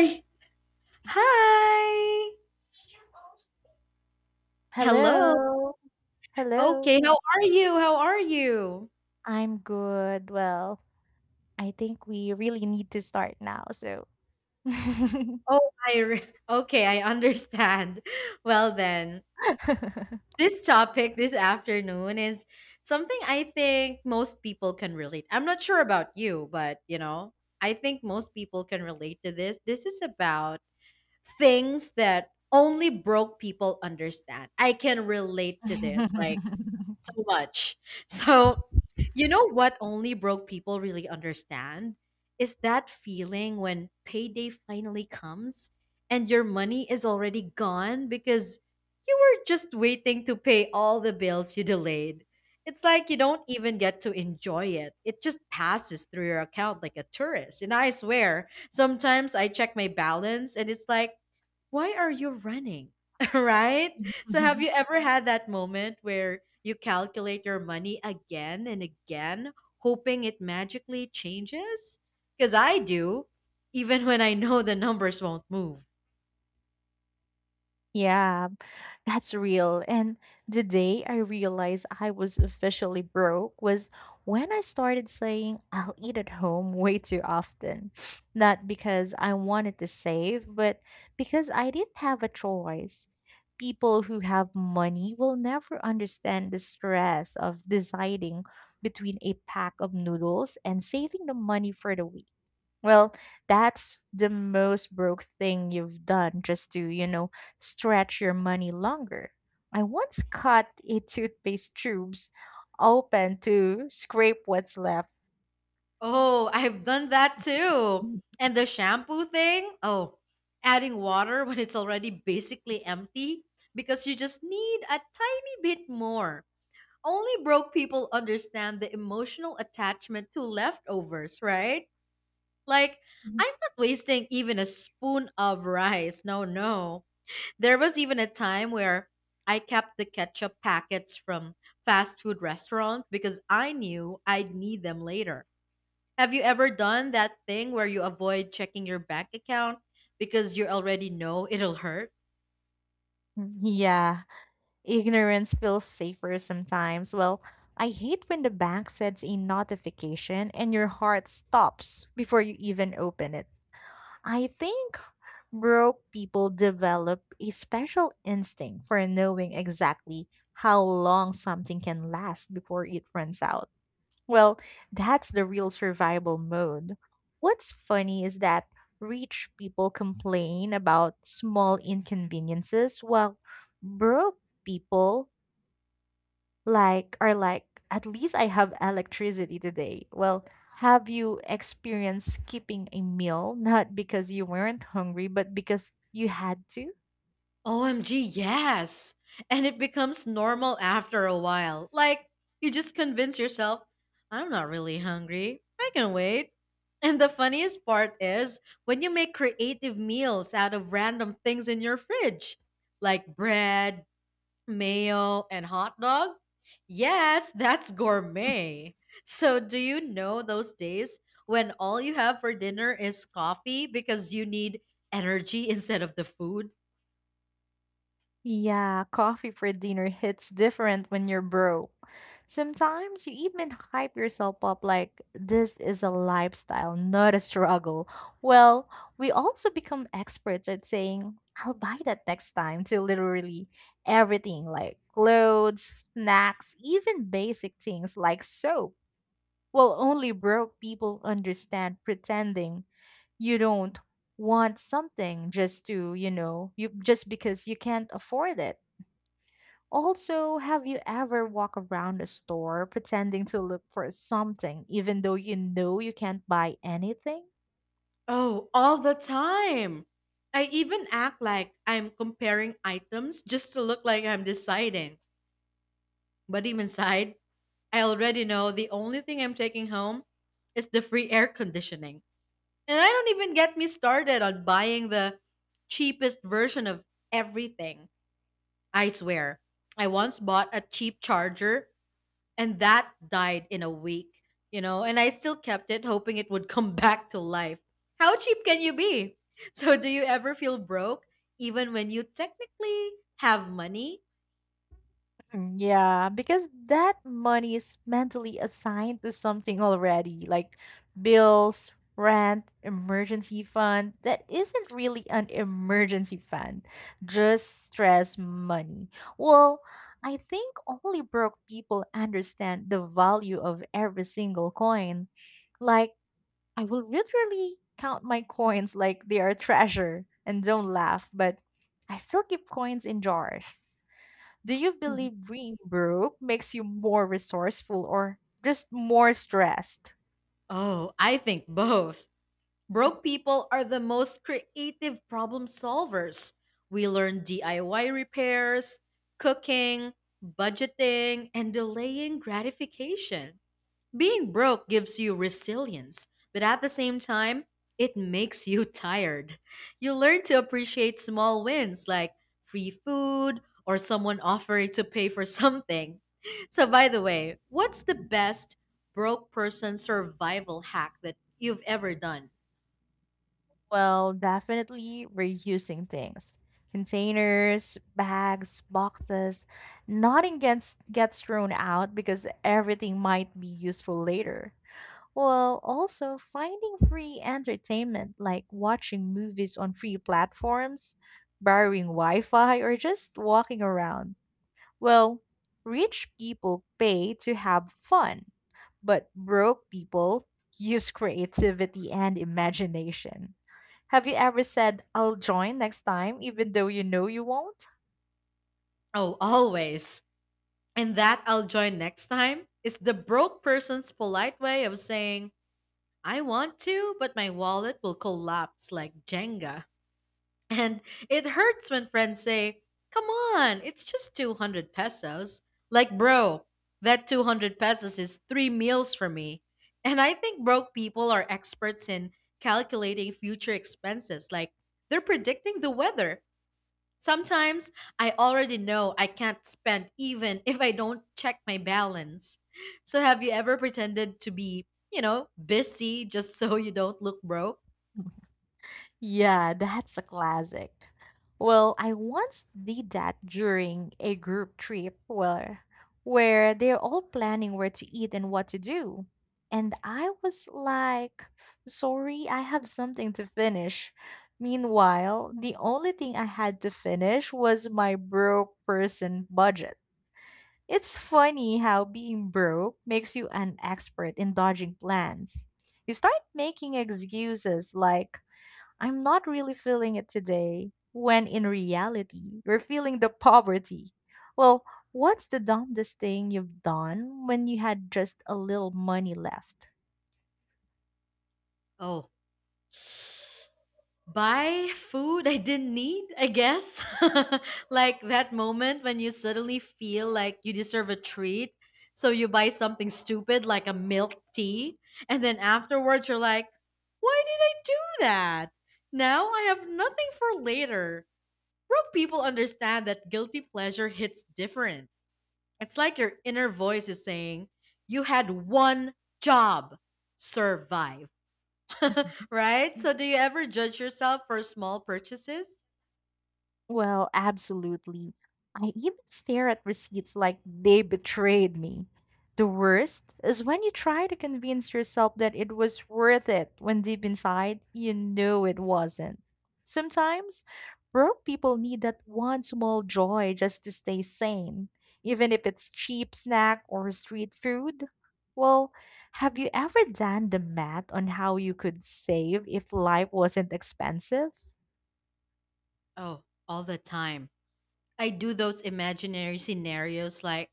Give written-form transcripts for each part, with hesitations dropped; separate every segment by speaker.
Speaker 1: Hi. Hello.
Speaker 2: Hello. Hello.
Speaker 1: Okay, how are you?
Speaker 2: I'm good. Well, I think we really need to start now. So,
Speaker 1: Oh, okay, I understand. Well then, this topic this afternoon is something I think most people can relate. I'm not sure about you, but you know, I think most people can relate to this. This is about things that only broke people understand. I can relate to this like so much. So, you know what only broke people really understand is that feeling when payday finally comes and your money is already gone because you were just waiting to pay all the bills you delayed. It's like you don't even get to enjoy it. It just passes through your account like a tourist. And I swear, sometimes I check my balance and it's like, why are you running? Right? So, have you ever had that moment where you calculate your money again and again, hoping it magically changes? Because I do, even when I know the numbers won't move.
Speaker 2: yeah. That's real. And the day I realized I was officially broke was when I started saying I'll eat at home way too often. Not because I wanted to save, but because I didn't have a choice. People who have money will never understand the stress of deciding between a pack of noodles and saving the money for the week. Well, that's the most broke thing you've done just to stretch your money longer. I once cut a toothpaste tubes open to scrape what's left.
Speaker 1: Oh, I've done that too. And the shampoo thing, oh, adding water when it's already basically empty because you just need a tiny bit more. Only broke people understand the emotional attachment to leftovers, right? Like,
Speaker 2: Mhm.
Speaker 1: I'm not wasting even a spoon of rice. No, no. There was even a time where I kept the ketchup packets from fast food restaurants because I knew I'd need them later. Have you ever done that thing where you avoid checking your bank account because you already know it'll hurt?
Speaker 2: Yeah, ignorance feels safer sometimes. Well, I hate when the bank sends a notification and your heart stops before you even open it. I think broke people develop a special instinct for knowing exactly how long something can last before it runs out. Well, that's the real survival mode. What's funny is that rich people complain about small inconveniences while broke people like, at least I have electricity today. Well, have you experienced skipping a meal, not because you weren't hungry, but because you had to?
Speaker 1: OMG, yes. And it becomes normal after a while. Like, you just convince yourself, I'm not really hungry. I can wait. And the funniest part is when you make creative meals out of random things in your fridge, like bread, mayo, and hot dog. Yes, that's gourmet. So, do you know those days when all you have for dinner is coffee because you need energy instead of the food?
Speaker 2: Yeah, coffee for dinner hits different when you're broke. Sometimes you even hype yourself up like this is a lifestyle, not a struggle. Well, we also become experts at saying, I'll buy that next time, to literally everything like clothes, snacks, even basic things like soap. Well, only broke people understand pretending you don't want something just to, you know, you just because you can't afford it. Also, have you ever walked around a store pretending to look for something, even though you know you can't buy anything?
Speaker 1: Oh, all the time. I even act like I'm comparing items just to look like I'm deciding. But deep inside, I already know the only thing I'm taking home is the free air conditioning. And I don't even get me started on buying the cheapest version of everything. I swear. I once bought a cheap charger and that died in a week, you know, and I still kept it, hoping it would come back to life. How cheap can you be? So, do you ever feel broke, even when you technically have money?
Speaker 2: Mm, yeah, because that money is mentally assigned to something already, like bills, rent, emergency fund. That isn't really an emergency fund, just stress money. Well, I think only broke people understand the value of every single coin. Like, I will literally count my coins like they are treasure and don't laugh, but I still keep coins in jars. Do you believe being broke makes you more resourceful or just more stressed?
Speaker 1: Oh, I think both. Broke people are the most creative problem solvers. We learn DIY repairs, cooking, budgeting, and delaying gratification. Being broke gives you resilience, but at the same time, it makes you tired. You learn to appreciate small wins like free food or someone offering to pay for something. So, by the way, what's the best broke person survival hack that you've ever done?
Speaker 2: Well, definitely reusing things. Containers, bags, boxes. Nothing gets thrown out because everything might be useful later. Well, also finding free entertainment like watching movies on free platforms, borrowing Wi Fi, or just walking around. Well, rich people pay to have fun, but broke people use creativity and imagination. Have you ever said, I'll join next time, even though you know you won't?
Speaker 1: Oh, always. And that I'll join next time is the broke person's polite way of saying, I want to, but my wallet will collapse like Jenga. And it hurts when friends say, come on, it's just 200 pesos. Like, bro, that 200 pesos is three meals for me. And I think broke people are experts in calculating future expenses. Like, they're predicting the weather. Sometimes I already know I can't spend even if I don't check my balance. So, have you ever pretended to be, you know, busy just so you don't look broke?
Speaker 2: Yeah, that's a classic. Well, I once did that during a group trip where they're all planning where to eat and what to do. And I was like, "Sorry, I have something to finish." Meanwhile, the only thing I had to finish was my broke person budget. It's funny how being broke makes you an expert in dodging plans. You start making excuses like I'm not really feeling it today, when in reality, you're feeling the poverty. Well, what's the dumbest thing you've done when you had just a little money left?
Speaker 1: Oh, buy food I didn't need, I guess. Like that moment when you suddenly feel like you deserve a treat. So you buy something stupid like a milk tea. And then afterwards, you're like, why did I do that? Now I have nothing for later. Broke people understand that guilty pleasure hits different. It's like your inner voice is saying, you had one job, survive. Right? So, do you ever judge yourself for small purchases?
Speaker 2: Well, absolutely. I even stare at receipts like they betrayed me. The worst is when you try to convince yourself that it was worth it when deep inside you know it wasn't. Sometimes broke people need that one small joy just to stay sane, even if it's cheap snack or street food. Well, have you ever done the math on how you could save if life wasn't expensive?
Speaker 1: Oh, all the time. I do those imaginary scenarios like,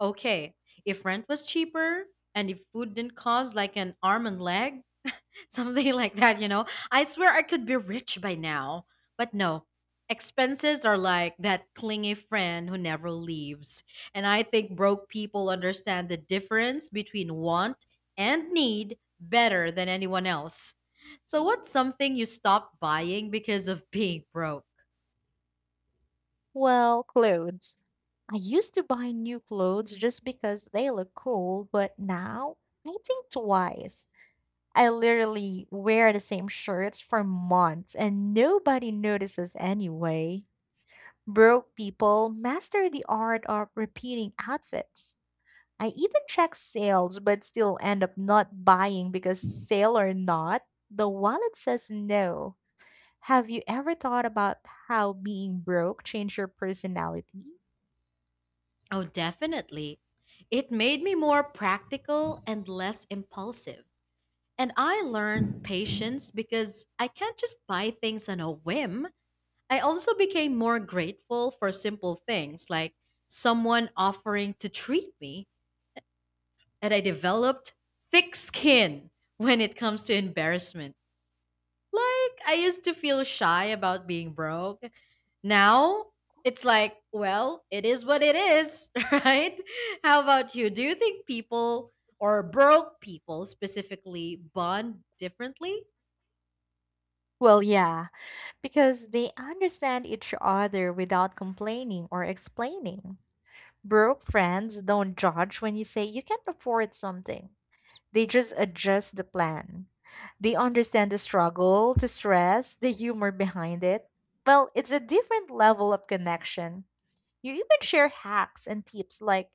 Speaker 1: okay, if rent was cheaper and if food didn't cost like an arm and leg, something like that, you know. I swear I could be rich by now, but no. Expenses are like that clingy friend who never leaves. And I think broke people understand the difference between want and need better than anyone else. So, what's something you stopped buying because of being broke?
Speaker 2: Well, clothes. I used to buy new clothes just because they look cool, but now I think twice. I literally wear the same shirts for months and nobody notices anyway. Broke people master the art of repeating outfits. I even check sales but still end up not buying because, sale or not, the wallet says no. Have you ever thought about how being broke changed your personality?
Speaker 1: Oh, definitely. It made me more practical and less impulsive. And I learned patience because I can't just buy things on a whim. I also became more grateful for simple things like someone offering to treat me, and I developed thick skin when it comes to embarrassment. Like, I used to feel shy about being broke. Now, it's like, well, it is what it is, right? How about you? Do you think people or broke people specifically bond differently?
Speaker 2: Well, yeah, because they understand each other without complaining or explaining. Broke friends don't judge when you say you can't afford something, they just adjust the plan. They understand the struggle, the stress, the humor behind it. Well, it's a different level of connection. You even share hacks and tips like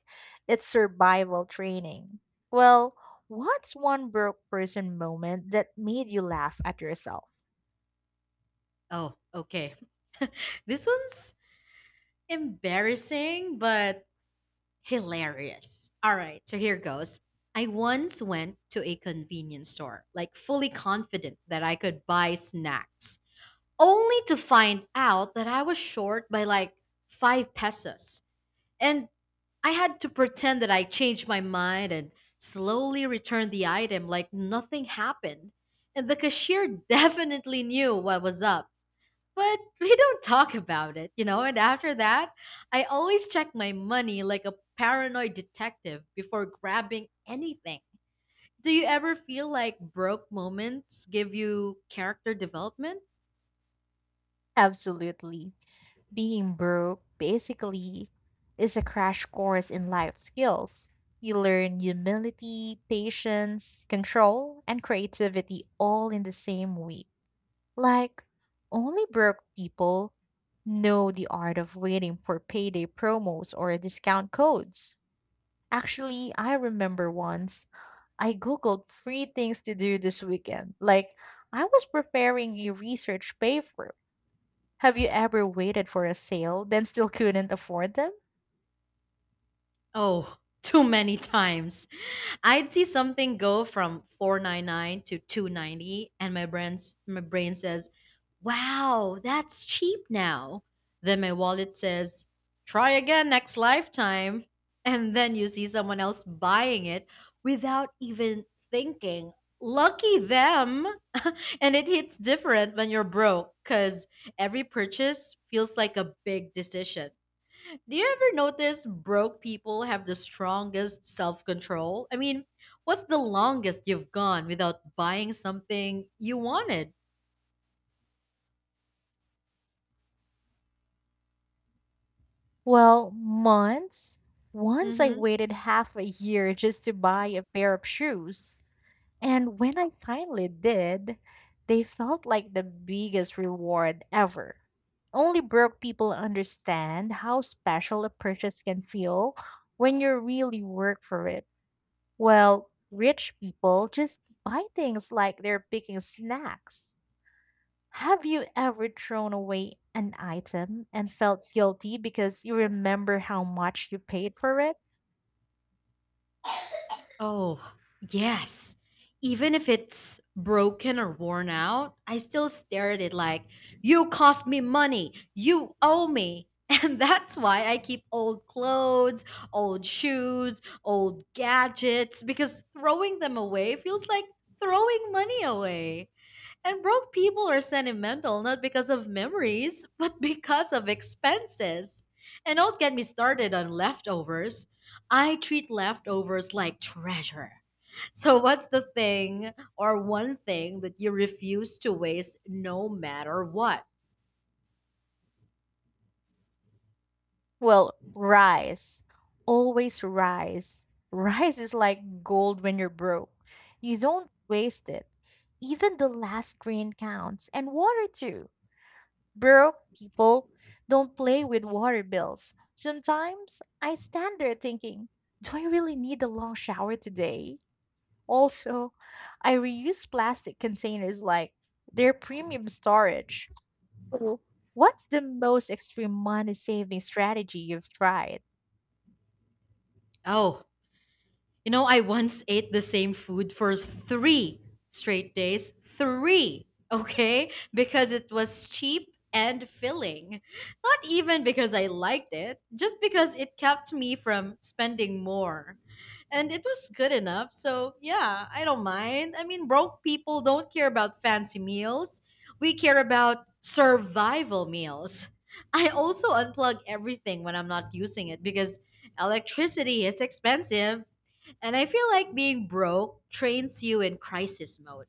Speaker 2: it's survival training. Well, what's one broke person moment that made you laugh at yourself?
Speaker 1: Oh, okay. This one's embarrassing, but hilarious. All right, so here goes. I once went to a convenience store, like fully confident that I could buy snacks, only to find out that I was short by like 5 pesos. And I had to pretend that I changed my mind and slowly returned the item like nothing happened. And the cashier definitely knew what was up, but we don't talk about it, you know. And after that, I always check my money like a paranoid detective before grabbing anything. Do you ever feel like broke moments give you character development?
Speaker 2: Absolutely. Being broke basically is a crash course in life skills. You learn humility, patience, control, and creativity all in the same week. Like, only broke people know the art of waiting for payday promos or discount codes. Actually, I remember once I Googled free things to do this weekend. Like, I was preparing a research paper. Have you ever waited for a sale, then still couldn't afford them?
Speaker 1: Oh, too many times. I'd see something go from 499 to 290 and my brain says, "Wow, that's cheap now." Then my wallet says, "Try again next lifetime." And then you see someone else buying it without even thinking. Lucky them. And it hits different when you're broke cuz every purchase feels like a big decision. Do you ever notice broke people have the strongest self control? I mean, what's the longest you've gone without buying something you wanted?
Speaker 2: Well, months. Once I
Speaker 1: Mm-hmm.
Speaker 2: waited half a year just to buy a pair of shoes. And when I finally did, they felt like the biggest reward ever. Only broke people understand how special a purchase can feel when you really work for it. Well, rich people just buy things like they're picking snacks. Have you ever thrown away an item and felt guilty because you remember how much you paid for it?
Speaker 1: Oh, yes. Even if it's broken or worn out, I still stare at it like, you cost me money. You owe me. And that's why I keep old clothes, old shoes, old gadgets, because throwing them away feels like throwing money away. And broke people are sentimental not because of memories, but because of expenses. And don't get me started on leftovers. I treat leftovers like treasure. So, what's the thing or one thing that you refuse to waste no matter what?
Speaker 2: Well, rice. Always rice. Rice is like gold when you're broke. You don't waste it. Even the last grain counts, and water too. Broke people don't play with water bills. Sometimes I stand there thinking, do I really need a long shower today? Also, I reuse plastic containers like their premium storage. So, what's the most extreme money saving strategy you've tried?
Speaker 1: Oh, you know, I once ate the same food for 3 straight days. Three, okay? Because it was cheap and filling. Not even because I liked it, just because it kept me from spending more. And it was good enough. So, yeah, I don't mind. I mean, broke people don't care about fancy meals, we care about survival meals. I also unplug everything when I'm not using it because electricity is expensive and I feel like being broke trains you in crisis mode.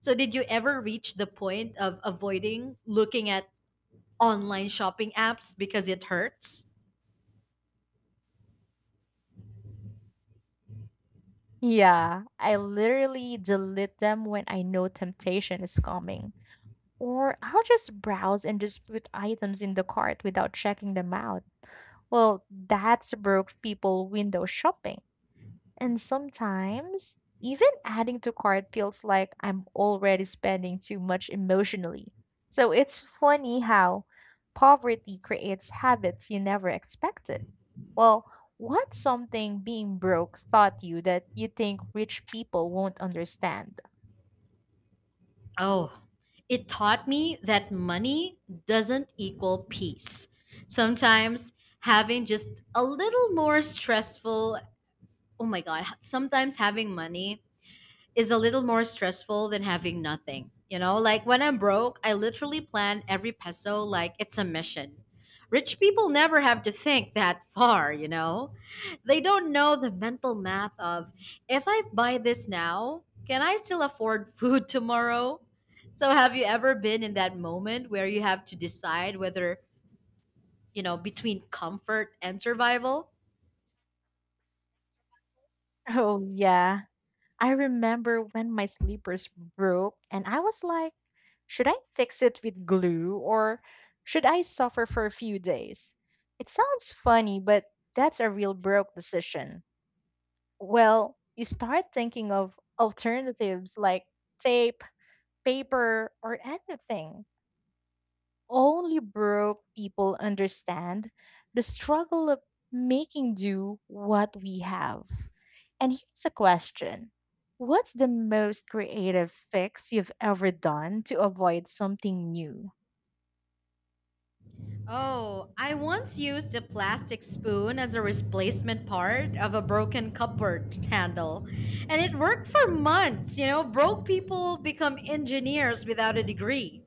Speaker 1: So, did you ever reach the point of avoiding looking at online shopping apps because it hurts?
Speaker 2: Yeah, I literally delete them when I know temptation is coming. Or I'll just browse and just put items in the cart without checking them out. Well, that's broke people window shopping. And sometimes, even adding to cart feels like I'm already spending too much emotionally. So it's funny how poverty creates habits you never expected. Well, what's something being broke taught you that you think rich people won't understand?
Speaker 1: Oh, it taught me that money doesn't equal peace. Sometimes having just a little more stressful, oh my God, sometimes having money is a little more stressful than having nothing. You know, like when I'm broke, I literally plan every peso like it's a mission. Rich people never have to think that far, you know? They don't know the mental math of, if I buy this now, can I still afford food tomorrow? So, have you ever been in that moment where you have to decide whether, you know, between comfort and survival?
Speaker 2: Oh, yeah. I remember when my sleepers broke, and I was like, should I fix it with glue or should I suffer for a few days? It sounds funny, but that's a real broke decision. Well, you start thinking of alternatives like tape, paper, or anything. Only broke people understand the struggle of making do what we have. And here's a question. What's the most creative fix you've ever done to avoid something new?
Speaker 1: Oh, I once used a plastic spoon as a replacement part of a broken cupboard handle, and it worked for months. You know, broke people become engineers without a degree.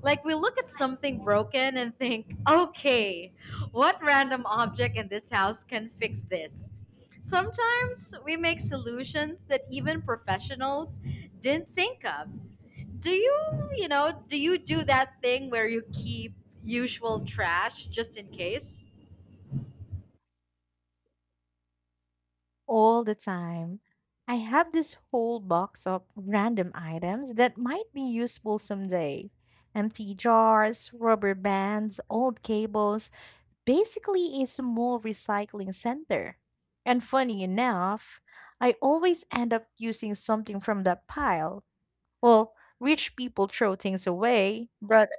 Speaker 1: Like, we look at something broken and think, okay, what random object in this house can fix this? Sometimes we make solutions that even professionals didn't think of. Do you do that thing where you keep usual trash just in case?
Speaker 2: All the time. I have this whole box of random items that might be useful someday: empty jars, rubber bands, old cables. Basically it's a small recycling center. And funny enough, I always end up using something from that pile. Well, rich people throw things away, but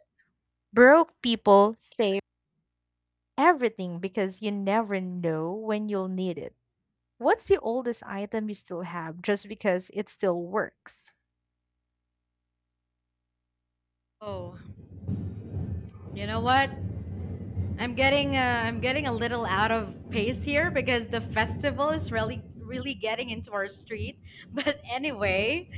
Speaker 2: broke people save everything because you never know when you'll need it. What's the oldest item you still have just because it still works?
Speaker 1: Oh, you know what, I'm getting I'm getting a little out of pace here because the festival is really really getting into our street, but anyway,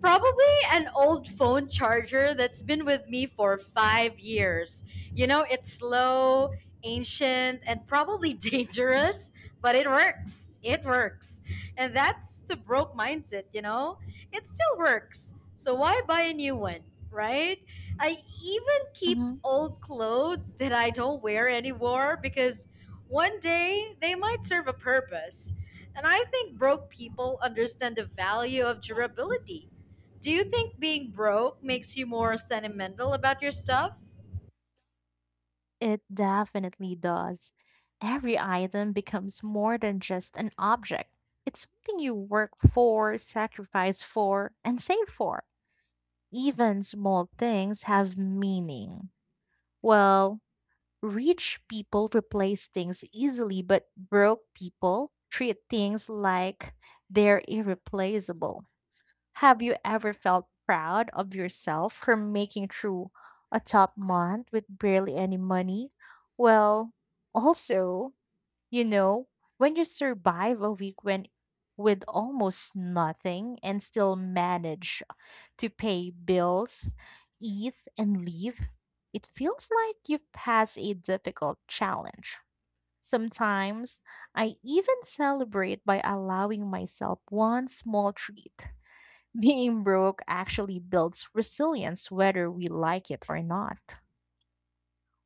Speaker 1: probably an old phone charger that's been with me for 5 years. You know, it's slow, ancient, and probably dangerous, but it works. It works. And that's the broke mindset, you know? It still works. So why buy a new one, right? I even keep
Speaker 2: Mhm.
Speaker 1: old clothes that I don't wear anymore because one day they might serve a purpose. And I think broke people understand the value of durability. Do you think being broke makes you more sentimental about your stuff?
Speaker 2: It definitely does. Every item becomes more than just an object. It's something you work for, sacrifice for, and save for. Even small things have meaning. Well, rich people replace things easily, but broke people treat things like they're irreplaceable. Have you ever felt proud of yourself for making through a tough month with barely any money? Well, also, you know, when you survive a week when with almost nothing and still manage to pay bills, eat and leave, it feels like you have passed a difficult challenge. Sometimes I even celebrate by allowing myself one small treat. Being broke actually builds resilience whether we like it or not.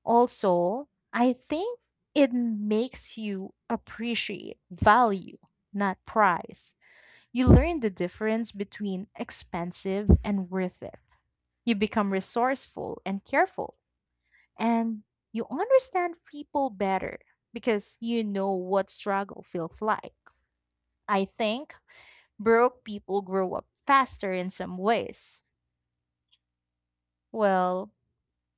Speaker 2: Also, I think it makes you appreciate value, not price. You learn the difference between expensive and worth it. You become resourceful and careful, and you understand people better because you know what struggle feels like. I think broke people grow up faster in some ways. Well,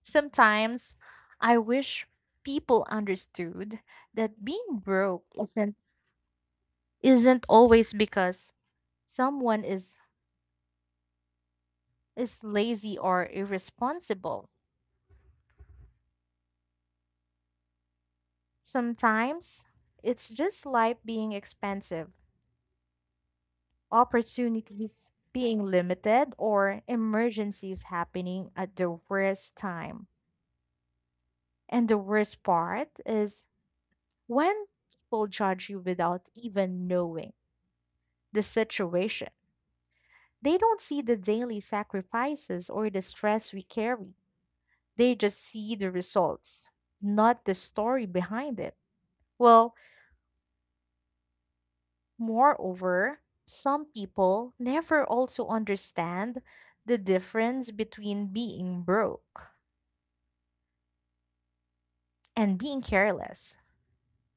Speaker 2: sometimes I wish people understood that being broke isn't always because someone is lazy or irresponsible. Sometimes it's just life being expensive, opportunities being limited, or emergencies happening at the worst time. And the worst part is when people judge you without even knowing the situation. They don't see the daily sacrifices or the stress we carry. They just see the results, not the story behind it. Well, moreover, some people never also understand the difference between being broke and being careless.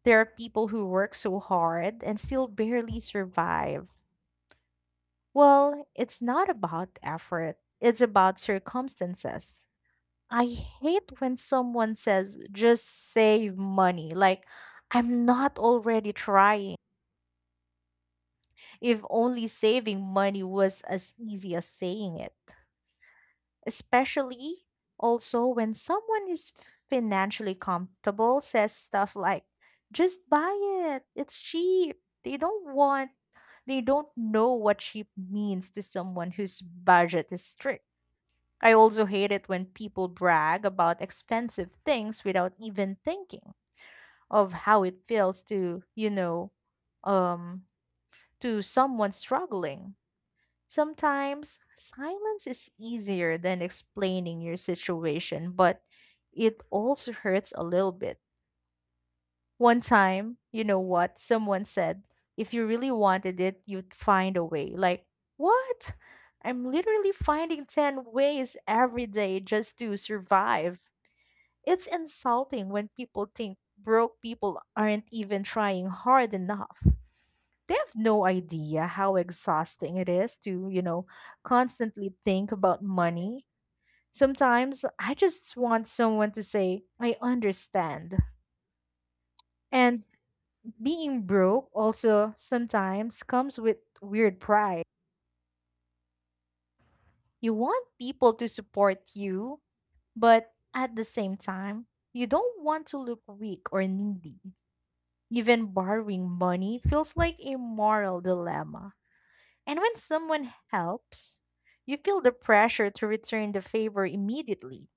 Speaker 2: There are people who work so hard and still barely survive. Well, it's not about effort, it's about circumstances. I hate when someone says, just save money. Like, I'm not already trying. If only saving money was as easy as saying it. Especially also when someone is financially comfortable says stuff like, just buy it, it's cheap. They don't want, they don't know what cheap means to someone whose budget is strict. I also hate it when people brag about expensive things without even thinking of how it feels to, um, to someone struggling. Sometimes silence is easier than explaining your situation, but it also hurts a little bit. One time, you know what, someone said, if you really wanted it, you'd find a way. Like, what? I'm literally finding 10 ways every day just to survive. It's insulting when people think broke people aren't even trying hard enough. They have no idea how exhausting it is to, you know, constantly think about money. Sometimes I just want someone to say, I understand. And being broke also sometimes comes with weird pride. You want people to support you, but at the same time, you don't want to look weak or needy. Even borrowing money feels like a moral dilemma. And when someone helps, you feel the pressure to return the favor immediately.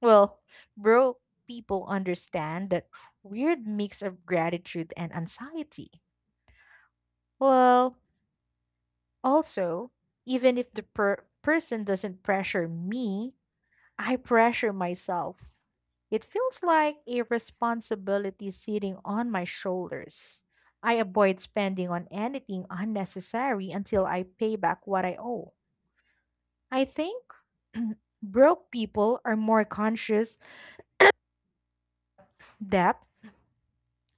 Speaker 2: Well, broke people understand that weird mix of gratitude and anxiety. Well, also, even if the person doesn't pressure me, I pressure myself. It feels like a responsibility sitting on my shoulders. I avoid spending on anything unnecessary until I pay back what I owe. I think broke people are more conscious debt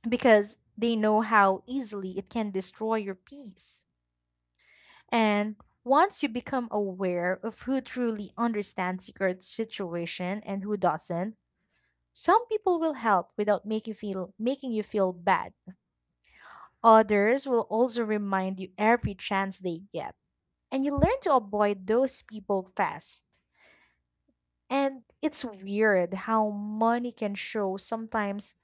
Speaker 2: because they know how easily it can destroy your peace. And once you become aware of who truly understands your situation and who doesn't, some people will help without make you feel making you feel bad. Others will also remind you every chance they get, and you learn to avoid those people fast. And it's weird how money can show sometimes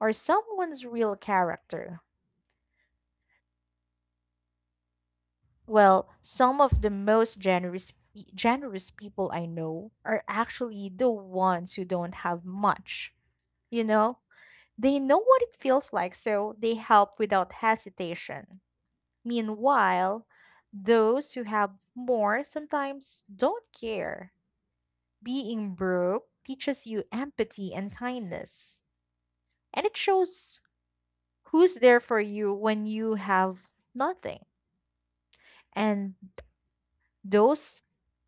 Speaker 2: or someone's real character. Well, some of the most generous generous people I know are actually the ones who don't have much. You know, they know what it feels like, so they help without hesitation. Meanwhile, those who have more sometimes don't care. Being broke teaches you empathy and kindness, and it shows who's there for you when you have nothing. And those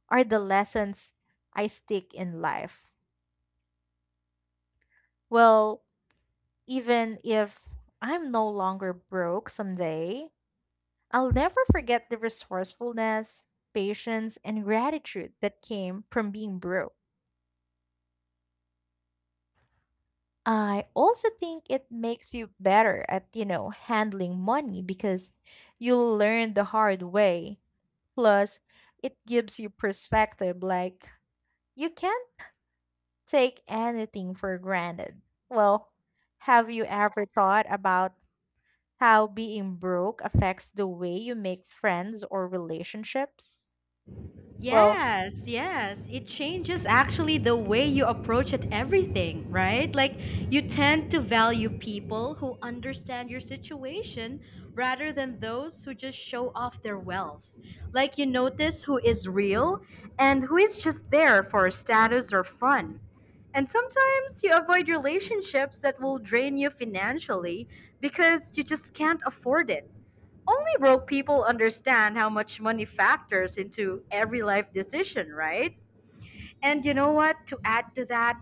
Speaker 2: are the lessons I stick in life. Well, even if I'm no longer broke someday, I'll never forget the resourcefulness, patience, and gratitude that came from being broke. I also think it makes you better at, you know, handling money because you learn the hard way. Plus, it gives you perspective like you can't take anything for granted. Well, have you ever thought about how being broke affects the way you make friends or relationships? Well,
Speaker 1: Yes, yes. It changes actually the way you approach at everything, right? Like you tend to value people who understand your situation rather than those who just show off their wealth. Like you notice who is real and who is just there for status or fun. And sometimes you avoid relationships that will drain you financially because you just can't afford it. Only broke people understand how much money factors into every life decision, right? And you know what? To add to that,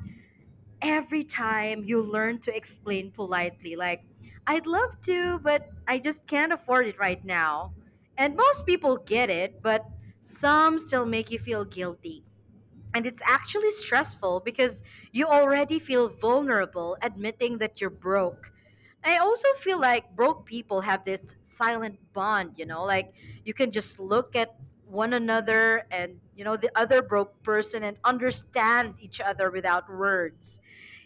Speaker 1: every time you learn to explain politely, like, I'd love to, but I just can't afford it right now. And most people get it, but some still make you feel guilty. And it's actually stressful because you already feel vulnerable admitting that you're broke. I also feel like broke people have this silent bond, you know, like you can just look at one another and, you know, the other broke person and understand each other without words.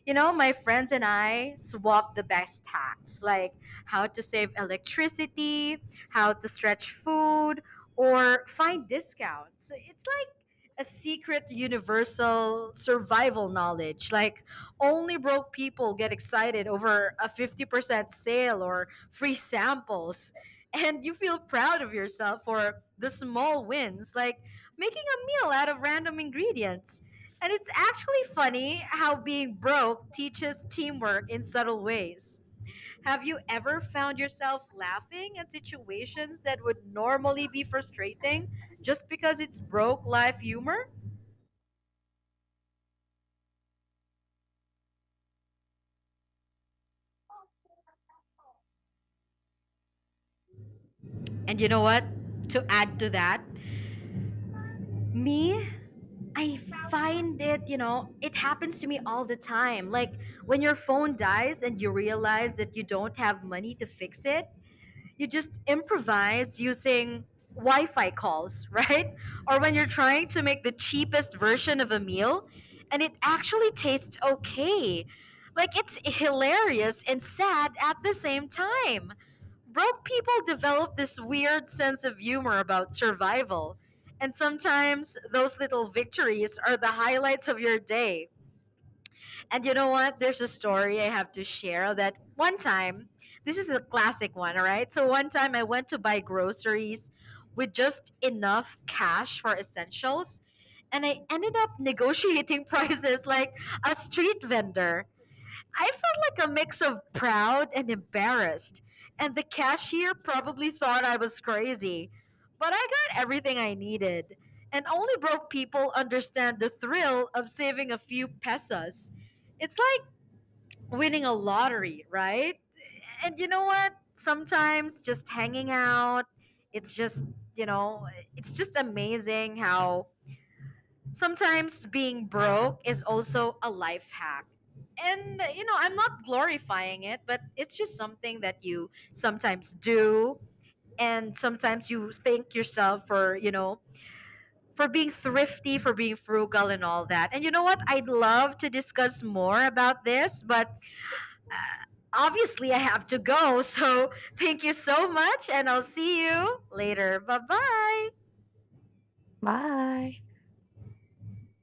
Speaker 1: You know, my friends and I swap the best hacks, like how to save electricity, how to stretch food, or find discounts. So it's like a secret universal survival knowledge. Like only broke people get excited over a 50% sale or free samples. And you feel proud of yourself for the small wins, like making a meal out of random ingredients, and it's actually funny how being broke teaches teamwork in subtle ways. Have you ever found yourself laughing at situations that would normally be frustrating just because it's broke life humor? And you know what? To add to that, me, I find it, you know, it happens to me all the time. Like when your phone dies and you realize that you don't have money to fix it, you just improvise using Wi-Fi calls, right? Or when you're trying to make the cheapest version of a meal and it actually tastes okay. Like it's hilarious and sad at the same time. Broke people develop this weird sense of humor about survival. And sometimes those little victories are the highlights of your day. And you know what? There's a story I have to share, that one time, this is a classic one, all right? So one time I went to buy groceries with just enough cash for essentials, and I ended up negotiating prices like a street vendor. I felt like a mix of proud and embarrassed, and the cashier probably thought I was crazy. But I got everything I needed, and only broke people understand the thrill of saving a few pesos. It's like winning a lottery, right? And you know what? Sometimes just hanging out, it's just, you know, it's just amazing how sometimes being broke is also a life hack. And, you know, I'm not glorifying it, but it's just something that you sometimes do. And sometimes you thank yourself for, you know, for being thrifty, for being frugal, and all that. And you know what? I'd love to discuss more about this, but obviously I have to go. So thank you so much, and I'll see you later. Bye bye.
Speaker 2: bye.